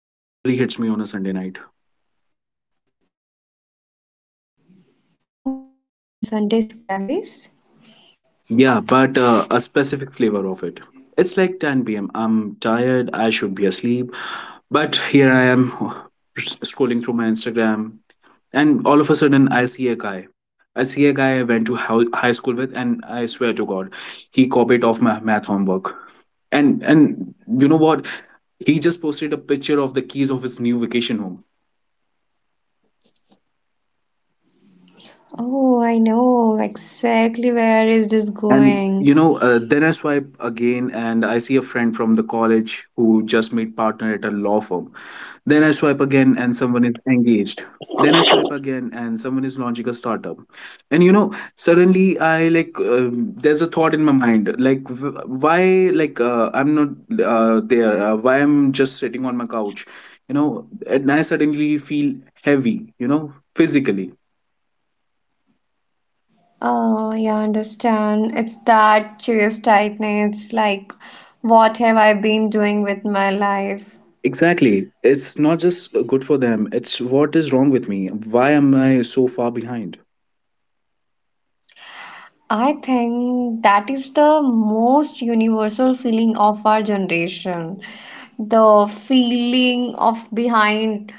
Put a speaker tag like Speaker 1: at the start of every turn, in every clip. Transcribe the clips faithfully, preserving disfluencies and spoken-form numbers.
Speaker 1: It usually hits me on a Sunday night.
Speaker 2: Oh, the Sunday scaries?
Speaker 1: Yeah, but uh, a specific flavor of it. It's like ten p m. I'm tired, I should be asleep, but here I am scrolling through my Instagram, and all of a sudden I see a guy. I see a guy I went to hou- high school with, and I swear to God, he copied off my math homework. And and you know what? He just posted a picture of the keys of his new vacation home.
Speaker 2: Oh, I know exactly where is this going.
Speaker 1: And you know, uh, then I swipe again and I see a friend from the college who just made partner at a law firm. Then I swipe again and someone is engaged. Then I swipe again and someone is launching a startup. And you know, suddenly I like, um, there's a thought in my mind like, w- why, like, uh, I'm not uh, there? Uh, why I'm just sitting on my couch? You know, and I suddenly feel heavy, you know, physically.
Speaker 2: Oh, yeah, I understand. It's that chest tightening. It's like, what have I been doing with my life?
Speaker 1: Exactly. It's not just uh, good for them, it's what is wrong with me. Why am I so far behind?
Speaker 2: I think that is the most universal feeling of our generation. The feeling of behind.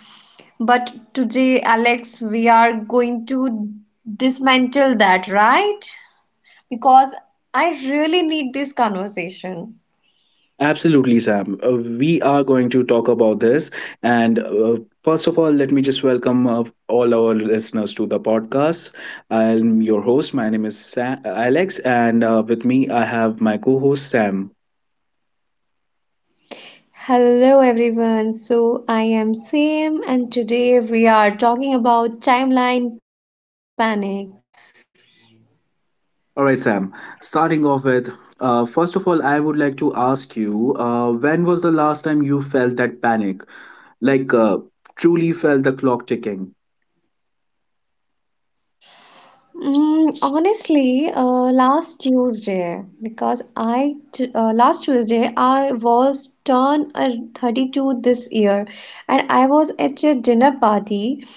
Speaker 2: But today, Alex, we are going to dismantle that, right? Because I really need this conversation.
Speaker 1: Absolutely, Sam. Uh, we are going to talk about this. And uh, first of all, let me just welcome uh, all our listeners to the podcast. I'm your host. My name is Sa Alex, and uh, with me, I have my co host, Sam.
Speaker 2: Hello, everyone. So, I am Sam, and today we are talking about timeline panic.
Speaker 1: All right, Sam. Starting off with, uh, first of all, I would like to ask you uh, when was the last time you felt that panic? like uh, truly felt the clock ticking.
Speaker 2: Mm, honestly, uh, last Tuesday, because I t uh, last Tuesday I was turned uh, thirty-two this year, and I was at a dinner party,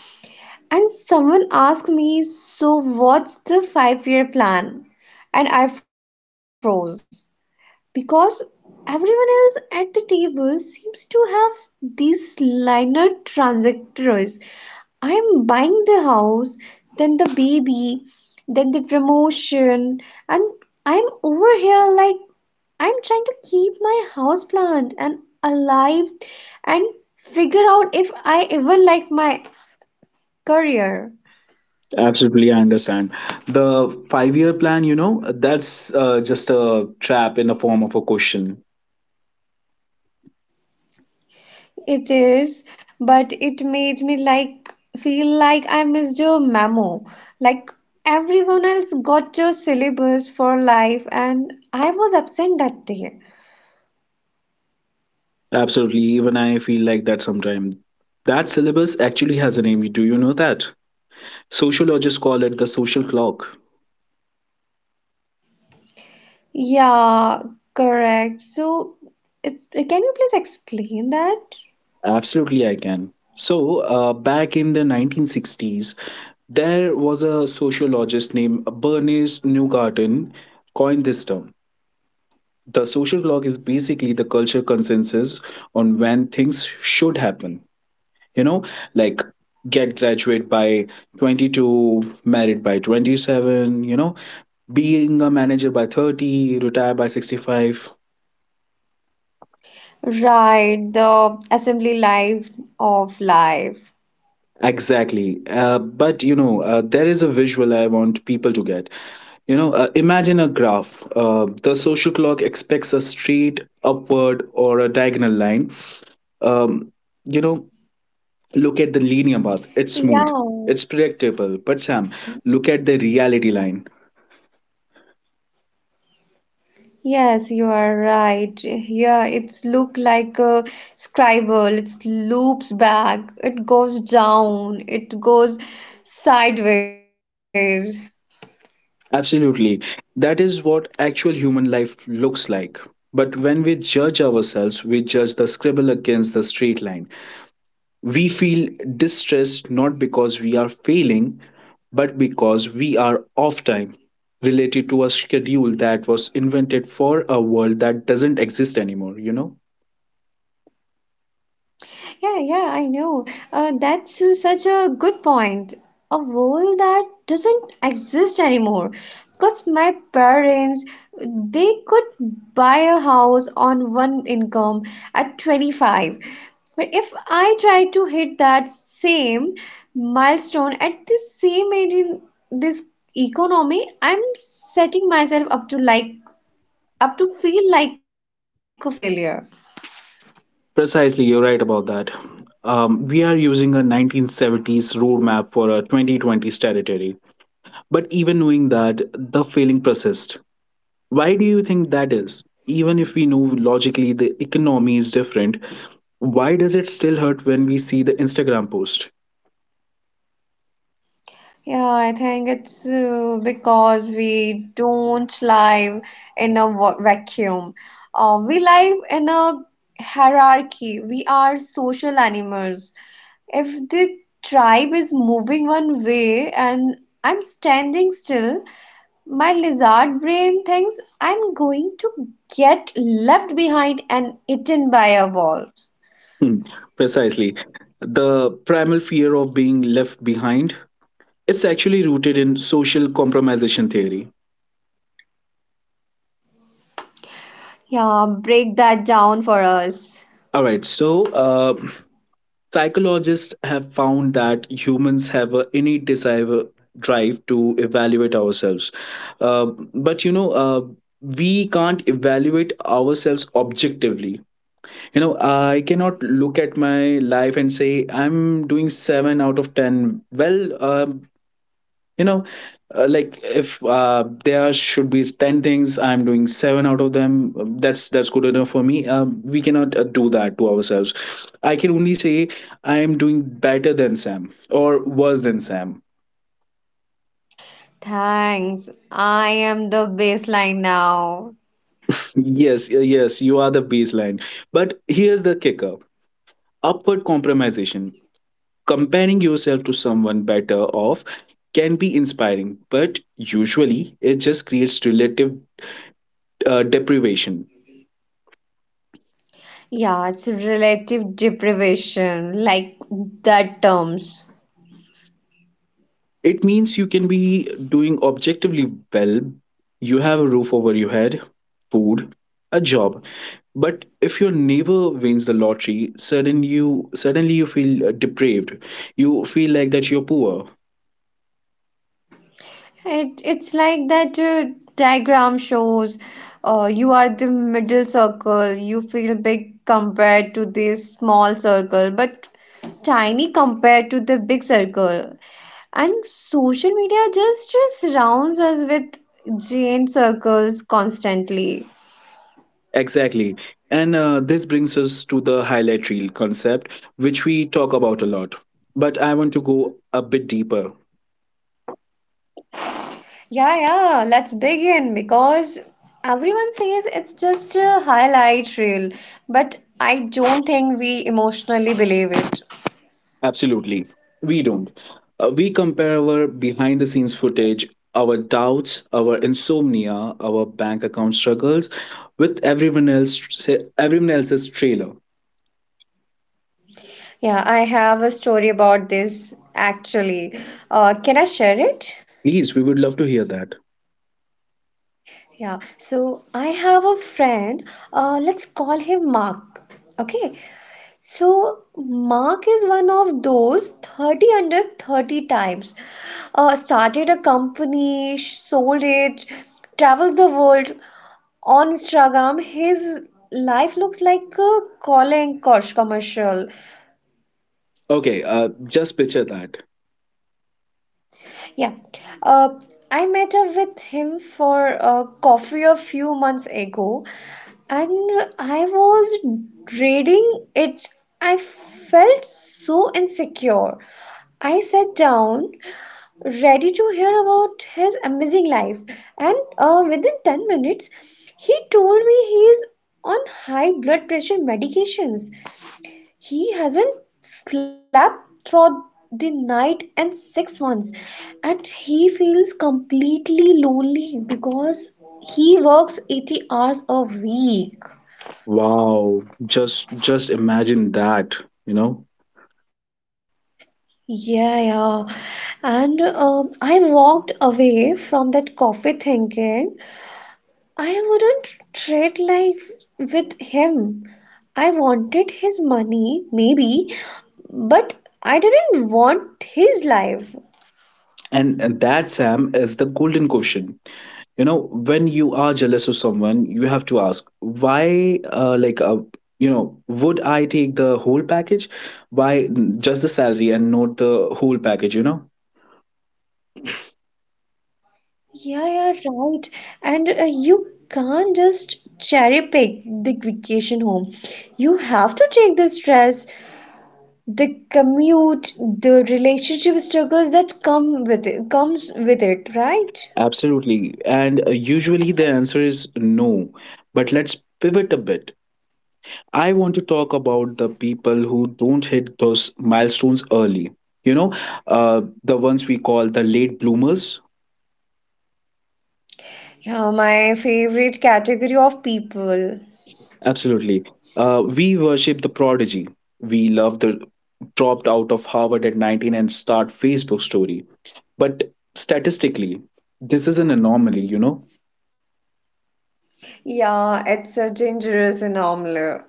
Speaker 2: and someone asked me, "So what's the five-year plan?" And I froze. Because everyone else at the table seems to have these liner transactors. I'm buying the house, then the baby, then the promotion, and I'm over here like I'm trying to keep my house plant and alive and figure out if I even like my career.
Speaker 1: Absolutely, I understand. The five year plan, you know, that's uh, just a trap in the form of a question.
Speaker 2: It is, but it made me like feel like I missed a memo. Like everyone else got a syllabus for life, and I was absent that day.
Speaker 1: Absolutely, even I feel like that sometime. That syllabus actually has a name. Do you know that? Sociologists call it the social clock.
Speaker 2: Yeah, correct. So, it's can you please explain that?
Speaker 1: Absolutely, I can. So, uh, back in the nineteen sixties, there was a sociologist named Bernice Newgarden coined this term. The social clock is basically the culture consensus on when things should happen. You know, like get graduate by twenty-two, married by twenty-seven, you know, being a manager by thirty, retire by sixty-five.
Speaker 2: Right, the assembly life of life.
Speaker 1: Exactly. Uh, but you know, uh, there is a visual I want people to get. You know, uh, imagine a graph. Uh, the social clock expects a straight upward or a diagonal line. Um, you know, look at the linear path. It's smooth,
Speaker 2: Yeah.
Speaker 1: it's predictable. But Sam, look at the reality line.
Speaker 2: Yes, you are right. Yeah, it's look like a scribble. It loops back. It goes down. It goes sideways.
Speaker 1: Absolutely. That is what actual human life looks like. But when we judge ourselves, we judge the scribble against the straight line. We feel distressed not because we are failing, but because we are off time, related to a schedule that was invented for a world that doesn't exist anymore, you know?
Speaker 2: Yeah, yeah, I know. Uh, that's uh, such a good point. A role that doesn't exist anymore. Because my parents, they could buy a house on one income at twenty-five. But if I try to hit that same milestone at the same age in this economy, I'm setting myself up to like up to feel like a failure.
Speaker 1: Precisely, you're right about that. Um, we are using a nineteen seventies roadmap for a twenty twenties territory. But even knowing that, the failing persists. Why do you think that is? Even if we know logically the economy is different, why does it still hurt when we see the Instagram post?
Speaker 2: Yeah, I think it's uh, because we don't live in a va- vacuum. Uh, we live in a hierarchy. We are social animals. If the tribe is moving one way and I'm standing still, my lizard brain thinks I'm going to get left behind and eaten by a wolf.
Speaker 1: Hmm, precisely. The primal fear of being left behind it's actually rooted in social compromisation theory.
Speaker 2: Yeah, break that down for us.
Speaker 1: All right, so uh, psychologists have found that humans have an innate desire drive to evaluate ourselves. Uh, but you know, uh, we can't evaluate ourselves objectively. You know, I cannot look at my life and say I'm doing seven out of ten well. um, you know uh, like if uh, there should be ten things I'm doing seven out of them, um, that's that's good enough for me. um, we cannot uh, do that to ourselves. I can only say I am doing better than Sam or worse than Sam.
Speaker 2: Thanks. I am the baseline now.
Speaker 1: Yes, yes, you are the baseline. But here's the kicker, upward compromisation, comparing yourself to someone better off can be inspiring, but usually it just creates relative uh, deprivation.
Speaker 2: Yeah, it's relative deprivation, like that terms.
Speaker 1: It means you can be doing objectively well. You have a roof over your head, food, a job. But if your neighbor wins the lottery, suddenly you suddenly you feel uh, depraved. You feel like that you're poor.
Speaker 2: It it's like that uh, diagram shows. Uh, you are the middle circle. You feel big compared to this small circle, but tiny compared to the big circle. And social media just uh, surrounds us with giant circles constantly.
Speaker 1: Exactly. And uh, this brings us to the highlight reel concept, which we talk about a lot. But I want to go a bit deeper.
Speaker 2: Yeah, yeah, let's begin because everyone says it's just a highlight reel, but I don't think we emotionally believe it.
Speaker 1: Absolutely. We don't. Uh, we compare our behind the scenes footage, our doubts, our insomnia, our bank account struggles with everyone else everyone else's trailer.
Speaker 2: Yeah, I have a story about this actually. Uh, can I share it?
Speaker 1: Please, we would love to hear that.
Speaker 2: Yeah, so I have a friend, uh, let's call him Mark. Okay, so Mark is one of those thirty under thirty types. Uh, started a company, sh- sold it, travels the world. On Instagram, his life looks like a Colin Kosh commercial.
Speaker 1: Okay, uh, just picture that.
Speaker 2: Yeah. Uh, I met up with him for a coffee a few months ago and I was dreading it. I felt so insecure. I sat down, ready to hear about his amazing life, and uh, within ten minutes, he told me he is on high blood pressure medications, he hasn't slept through the night in six months, and he feels completely lonely because he works eighty hours a week.
Speaker 1: Wow, just just imagine that, you know.
Speaker 2: Yeah, yeah. And um, I walked away from that coffee thinking I wouldn't trade life with him. I wanted his money, maybe, but I didn't want his life.
Speaker 1: And, and that Sam is the golden question. You know, when you are jealous of someone you have to ask why. uh, like uh, you know would I take the whole package? Why just the salary and not the whole package, you know?
Speaker 2: Yeah, yeah, right. And uh, you can't just cherry pick the vacation home. You have to take the stress, the commute, the relationship struggles that come with it, comes with it, right?
Speaker 1: Absolutely. And uh, usually the answer is no, but let's pivot a bit. I want to talk about the people who don't hit those milestones early, you know, uh, the ones we call the late bloomers.
Speaker 2: Yeah, my favorite category of people.
Speaker 1: Absolutely. Uh, we worship the prodigy. We love the dropped out of Harvard at nineteen and start Facebook story. But statistically, this is an anomaly, you know?
Speaker 2: Yeah, it's a dangerous anomaly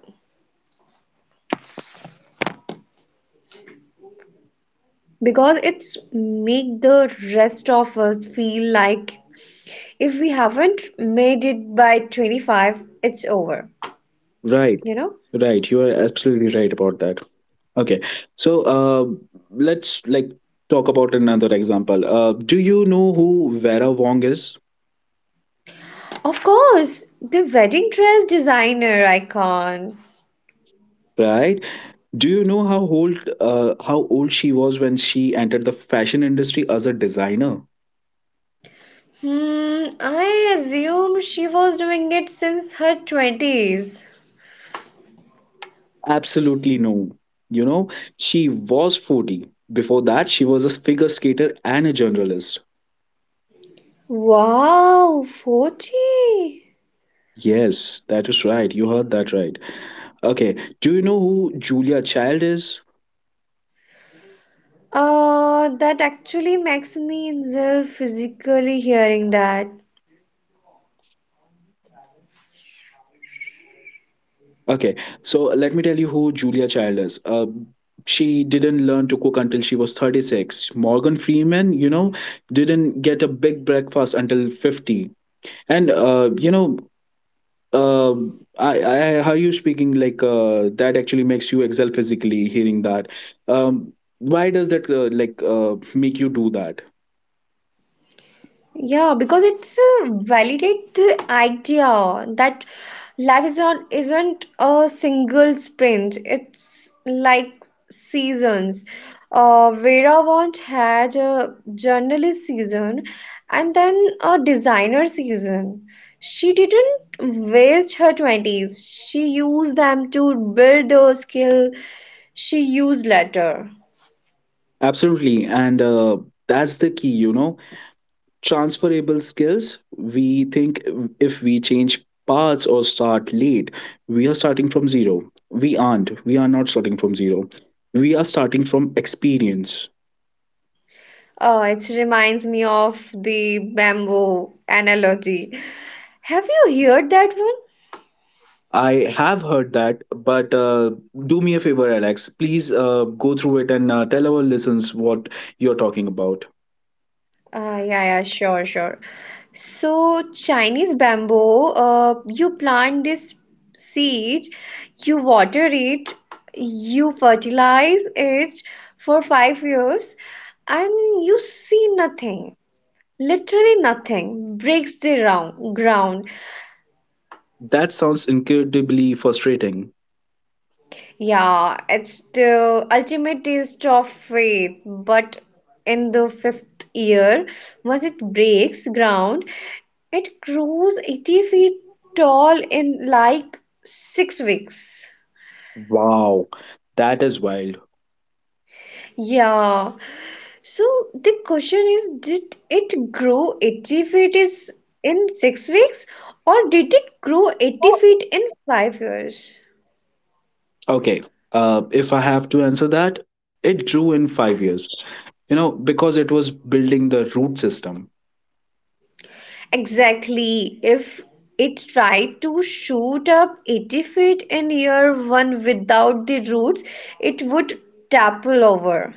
Speaker 2: because it's make the rest of us feel like if we haven't made it by twenty-five, it's over,
Speaker 1: Right,
Speaker 2: you know?
Speaker 1: right. You are absolutely right about that. Okay. So uh, let's like talk about another example. Uh, do you know who Vera Wong is?
Speaker 2: Of course, the wedding dress designer icon.
Speaker 1: Right? Do you know how old uh, how old she was when she entered the fashion industry as a designer?
Speaker 2: Hmm, I assume she was doing it since her twenties.
Speaker 1: Absolutely no. You know, she was forty. Before that, she was a figure skater and a journalist.
Speaker 2: Wow, forty.
Speaker 1: Yes, that is right. You heard that right. Okay. Do you know who Julia Child is?
Speaker 2: Uh, that actually makes me ill physically hearing that.
Speaker 1: Okay. So let me tell you who Julia Child is. Uh, she didn't learn to cook until she was thirty-six. Morgan Freeman, you know, didn't get a big breakfast until fifty. And, uh, you know, um i i how you speaking like uh that actually makes you excel physically hearing that. um why does that uh, like uh make you do that?
Speaker 2: Yeah, because it's a validate the idea that life is not isn't a single sprint. It's like seasons. Uh, Vera Wand had a journalist season and then a designer season. She didn't waste her twenties. She used them to build the skill she used later.
Speaker 1: Absolutely. And uh that's the key, you know, transferable skills. We think if we change paths or start late we are starting from zero. we aren't we are not starting from zero, we are starting from experience.
Speaker 2: Oh, it reminds me of the bamboo analogy. Have you heard that one?
Speaker 1: I have heard that, but uh, do me a favor, Alex. Please uh, go through it and uh, tell our listeners what you're talking about.
Speaker 2: Uh, yeah, yeah, sure, sure. So, Chinese bamboo, uh, you plant this seed, you water it, you fertilize it for five years, and you see nothing, literally nothing, breaks the round, ground.
Speaker 1: That sounds incredibly frustrating.
Speaker 2: Yeah, it's the ultimate taste of faith, but in the fifth year, once it breaks ground, it grows eighty feet tall in like six weeks.
Speaker 1: Wow, that is wild.
Speaker 2: Yeah, so the question is, did it grow eighty feet is in six weeks, or did it grow eighty feet in five years?
Speaker 1: Okay, uh, if I have to answer that, it grew in five years, you know, because it was building the root system.
Speaker 2: Exactly. If it tried to shoot up eighty feet in year one without the roots, it would topple over.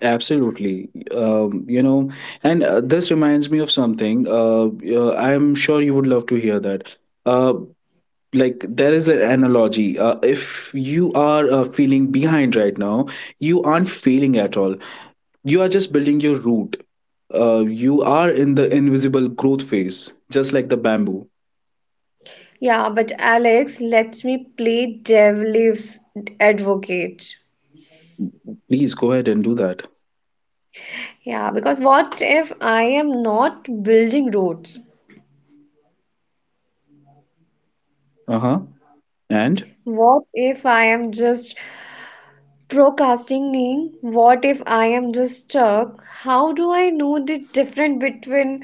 Speaker 1: Absolutely. Um, you know, and uh, this reminds me of something. Uh, uh, I'm sure you would love to hear that. Uh, like, there is an analogy. Uh, if you are uh, feeling behind right now, you aren't failing at all. You are just building your root. Uh, you are in the invisible growth phase, just like the bamboo.
Speaker 2: Yeah, but Alex let me play devil's advocate.
Speaker 1: Please go ahead and do that.
Speaker 2: Yeah, because what if I am not building roads?
Speaker 1: Uh huh. And?
Speaker 2: What if I am just procrastinating, what if I am just stuck? How do I know the difference between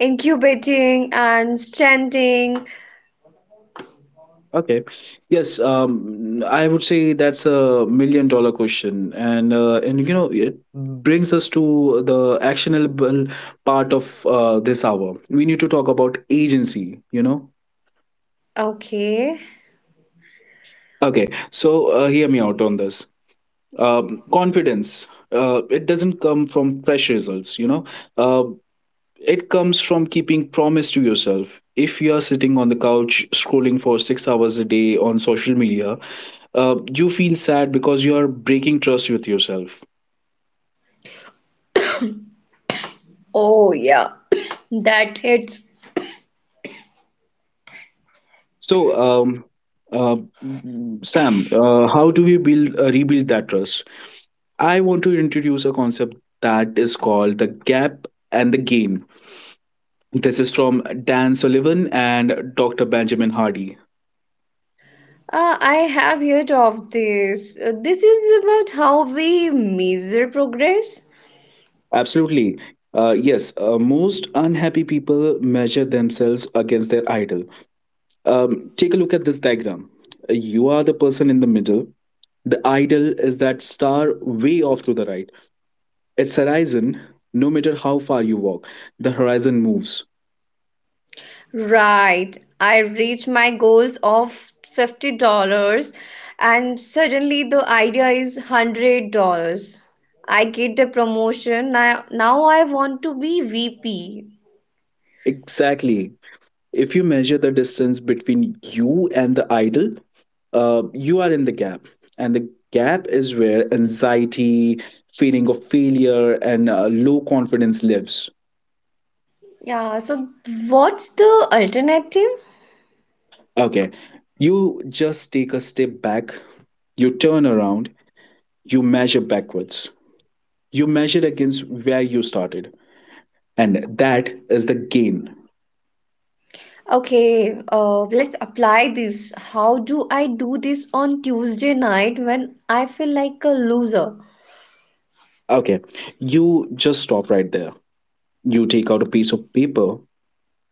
Speaker 2: incubating and standing?
Speaker 1: Okay. Yes. Um, I would say that's a million dollar question, and uh, and you know it brings us to the actionable part of uh, this hour. We need to talk about agency, you know.
Speaker 2: Okay.
Speaker 1: Okay. So uh, hear me out on this. Um, confidence. Uh, it doesn't come from fresh results, you know. Uh, it comes from keeping promise to yourself. If you are sitting on the couch scrolling for six hours a day on social media, uh, you feel sad because you are breaking trust with yourself.
Speaker 2: Oh, yeah, that hits.
Speaker 1: So, um, uh, Sam, uh, how do we build uh, rebuild that trust? I want to introduce a concept that is called the gap and the gain. This is from Dan Sullivan and Doctor Benjamin Hardy.
Speaker 2: Uh, I have heard of this. Uh, This is about how we measure progress.
Speaker 1: Absolutely. Uh, yes, uh, most unhappy people measure themselves against their idol. Um, take a look at this diagram. You are the person in the middle, the idol is that star way off to the right. Its horizon, no matter how far you walk, the horizon moves.
Speaker 2: Right. I reach my goals of fifty dollars and suddenly the idea is one hundred dollars. I get the promotion. Now, now I want to be V P.
Speaker 1: Exactly. If you measure the distance between you and the idol, uh, you are in the gap. And the gap is where anxiety, feeling of failure, and uh, low confidence lives.
Speaker 2: Yeah, so what's the alternative?
Speaker 1: Okay. You just take a step back, you turn around, you measure backwards. You measure against where you started, and that is the gain.
Speaker 2: Okay, uh, let's apply this. How do I do this on Tuesday night when I feel like a loser?
Speaker 1: Okay, you just stop right there. You take out a piece of paper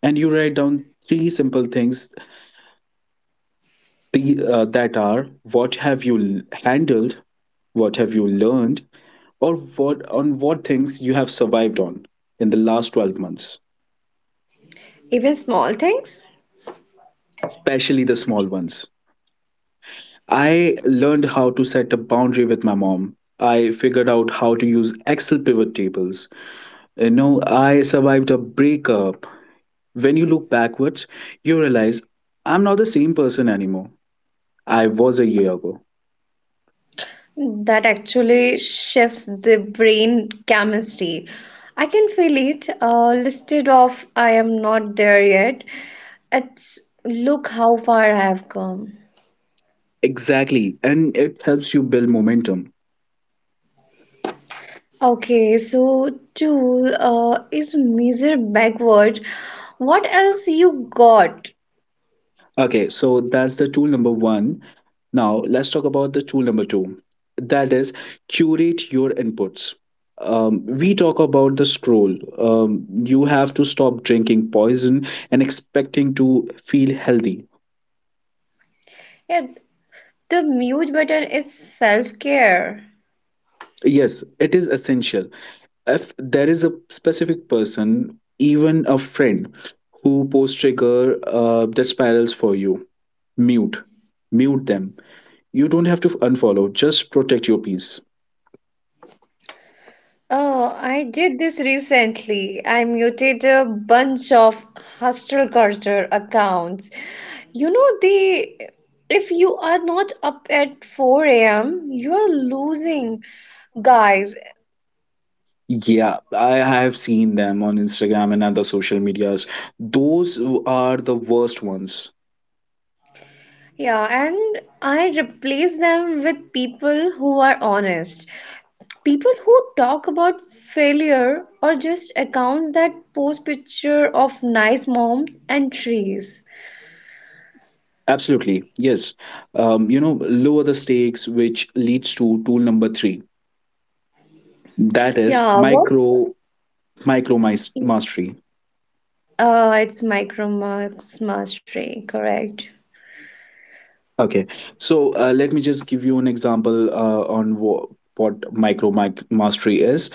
Speaker 1: and you write down three simple things, the, uh, that are what have you l- handled, what have you learned, or what on what things you have survived on in the last twelve months.
Speaker 2: Even small things?
Speaker 1: Especially the small ones. I learned how to set a boundary with my mom, I figured out how to use Excel pivot tables, you know, I survived a breakup. When you look backwards, you realize I'm not the same person anymore. I was a year ago.
Speaker 2: That actually shifts the brain chemistry. I can feel it. Uh, listed off, I am not there yet. It's look how far I have come.
Speaker 1: Exactly. And it helps you build momentum.
Speaker 2: Okay, so two uh, is measure backward. What else you got?
Speaker 1: Okay, so that's the tool number one. Now, let's talk about the tool number two. That is curate your inputs. Um, we talk about the scroll. Um, you have to stop drinking poison and expecting to feel healthy.
Speaker 2: Yeah, the mute button is self-care.
Speaker 1: Yes, it is essential. If there is a specific person, even a friend, who posts trigger uh, that spirals for you, mute mute them. You don't have to unfollow, just protect your peace.
Speaker 2: Oh, I did this recently. I muted a bunch of hostile culture accounts. You know, they, if you are not up at four a m, you're losing, guys.
Speaker 1: Yeah, I have seen them on Instagram and other social medias. Those are the worst ones.
Speaker 2: Yeah, and I replace them with people who are honest. People who talk about failure or just accounts that post picture of nice moms and trees.
Speaker 1: Absolutely, yes. um, you know lower the stakes, which leads to tool number three. That is
Speaker 2: Yeah, what?
Speaker 1: micro micro mis- mastery.
Speaker 2: Uh, it's micromax mastery, correct?
Speaker 1: Okay, so uh, let me just give you an example uh, on wha- what micro mic- mastery is.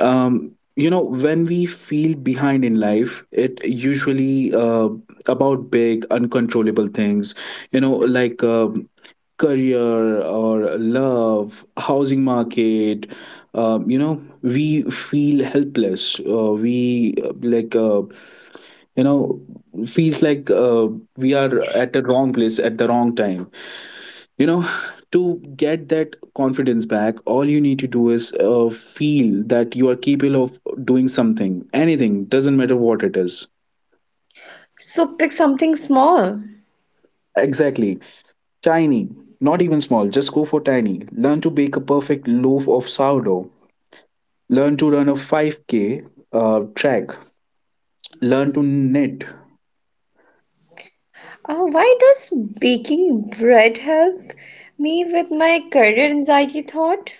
Speaker 1: Um, you know, when we feel behind in life, it usually uh, about big, uncontrollable things. You know, like um career or love, housing market. Um, you know, we feel helpless. Uh, we uh, like uh, you know feels like uh, we are at the wrong place at the wrong time you know to get that confidence back, all you need to do is uh, feel that you are capable of doing something. Anything, doesn't matter what it is.
Speaker 2: So pick something small.
Speaker 1: Exactly. Tiny. Not even small, just go for tiny. Learn to bake a perfect loaf of sourdough. Learn to run a five k uh, track. Learn to knit.
Speaker 2: Uh, why does baking bread help me with my career anxiety thought?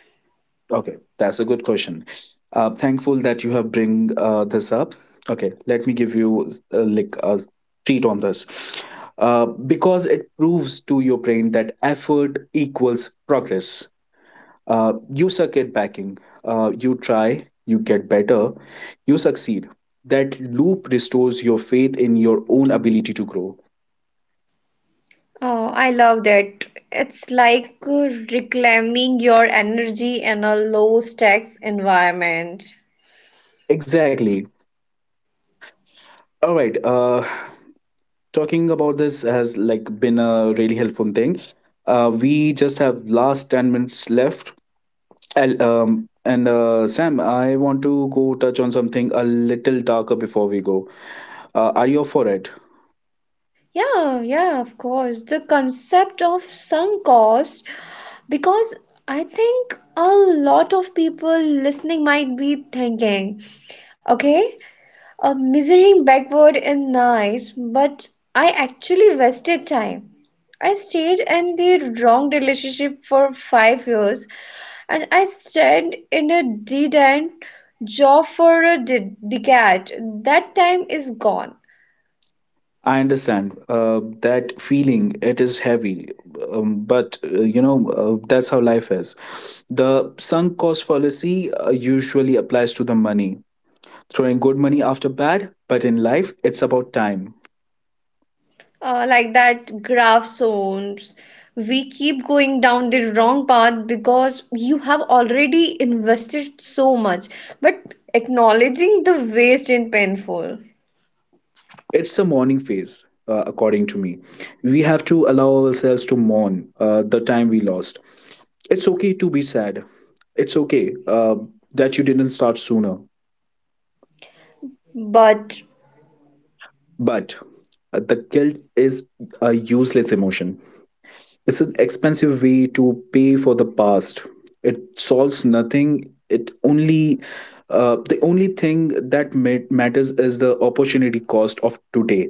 Speaker 1: Okay, that's a good question. Uh, thankful that you have bring uh, this up. Okay, let me give you uh, like a treat on this. Uh, because it proves to your brain that effort equals progress. Uh, you suck at backing. Uh, you try, you get better, you succeed. That loop restores your faith in your own ability to grow.
Speaker 2: Oh, I love that. It's like uh, reclaiming your energy in a low stakes environment.
Speaker 1: Exactly. All right. Uh, talking about this has like been a really helpful thing. Uh, we just have last ten minutes left. I'll, um, and uh, Sam, I want to go touch on something a little darker before we go. Uh, are you up for it?
Speaker 2: Yeah, yeah, of course. The concept of sunk cost, because I think a lot of people listening might be thinking, okay, uh, measuring backward is nice, but I actually wasted time. I stayed in the wrong relationship for five years, and I stayed in a dead end job for a de- decade. That time is gone.
Speaker 1: I understand uh, that feeling. It is heavy, um, but uh, you know uh, that's how life is. The sunk cost fallacy uh, usually applies to the money, throwing good money after bad. But in life, it's about time.
Speaker 2: Uh, like that graph zones, we keep going down the wrong path because you have already invested so much. But acknowledging the waste is painful.
Speaker 1: It's a mourning phase, uh, according to me. We have to allow ourselves to mourn uh, the time we lost. It's okay to be sad. It's okay uh, that you didn't start sooner.
Speaker 2: But
Speaker 1: But uh, the guilt is a useless emotion. It's an expensive way to pay for the past. It solves nothing. It only, uh, the only thing that ma- matters is the opportunity cost of today.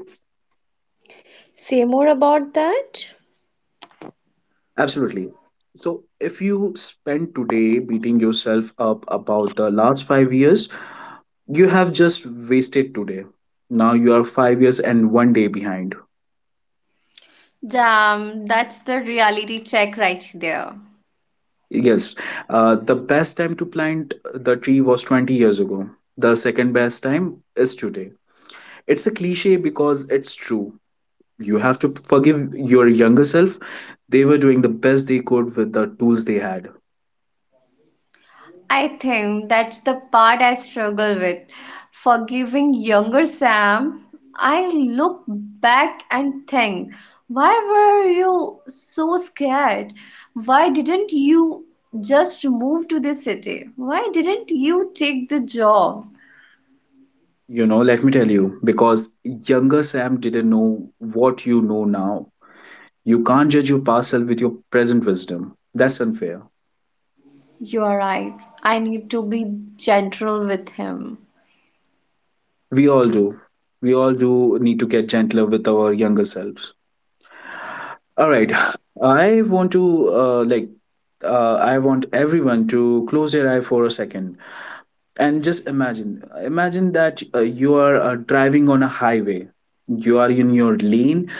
Speaker 2: say more about that.
Speaker 1: Absolutely. So, if you spend today beating yourself up about the last five years, you have just wasted today. Now you are five years and one day behind.
Speaker 2: Damn, that's the reality check right there.
Speaker 1: Yes, uh, the best time to plant the tree was twenty years ago. The second best time is today. It's a cliche because it's true. You have to forgive your younger self. They were doing the best they could with the tools they had.
Speaker 2: I think that's the part I struggle with. Forgiving younger Sam, I look back and think, why were you so scared? Why didn't you just move to the city? Why didn't you take the job?
Speaker 1: You know, let me tell you, because younger Sam didn't know what you know now. You can't judge your past self with your present wisdom. That's unfair.
Speaker 2: You are right. I need to be gentle with him.
Speaker 1: We all do. We all do need to get gentler with our younger selves. All right.
Speaker 2: Uh,
Speaker 1: I want to, uh, like, uh, I want everyone to close their eye for a second and just imagine. Imagine that uh, you are uh, driving on a highway. You are in your lane.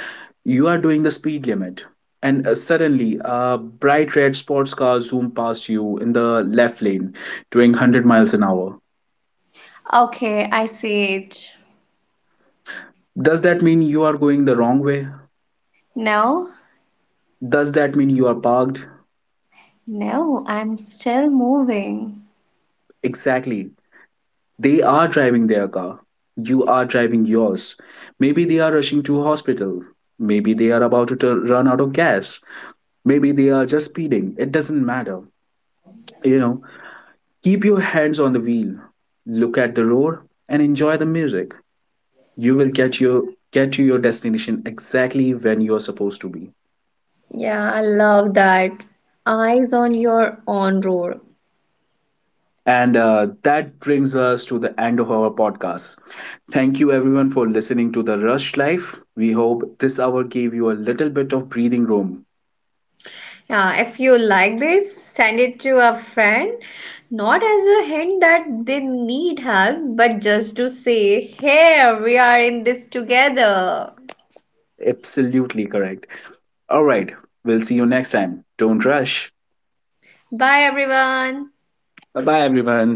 Speaker 1: You are doing the speed limit, and uh, suddenly a bright red sports car zoom past you in the left lane, doing one hundred miles an hour.
Speaker 2: okay, I see it.
Speaker 1: Does that mean you are going the wrong way?
Speaker 2: No,
Speaker 1: Does that mean you are parked?
Speaker 2: no, I'm still moving.
Speaker 1: Exactly. They are driving their car. You are driving yours. Maybe they are rushing to hospital. Maybe they are about to tu- run out of gas. Maybe they are just speeding. It doesn't matter. You know, keep your hands on the wheel, look at the road, and enjoy the music. You will get your get to your destination exactly when you're supposed to be.
Speaker 2: Yeah, I love that. Eyes on your own road.
Speaker 1: And uh, that brings us to the end of our podcast. Thank you everyone for listening to The Rush Life. We hope this hour gave you a little bit of breathing room.
Speaker 2: Yeah, if you like this, send it to a friend. Not as a hint that they need help, but just to say, here we are in this together.
Speaker 1: Absolutely correct. All right, we'll see you next time. Don't rush.
Speaker 2: Bye, everyone.
Speaker 1: Bye bye, everyone.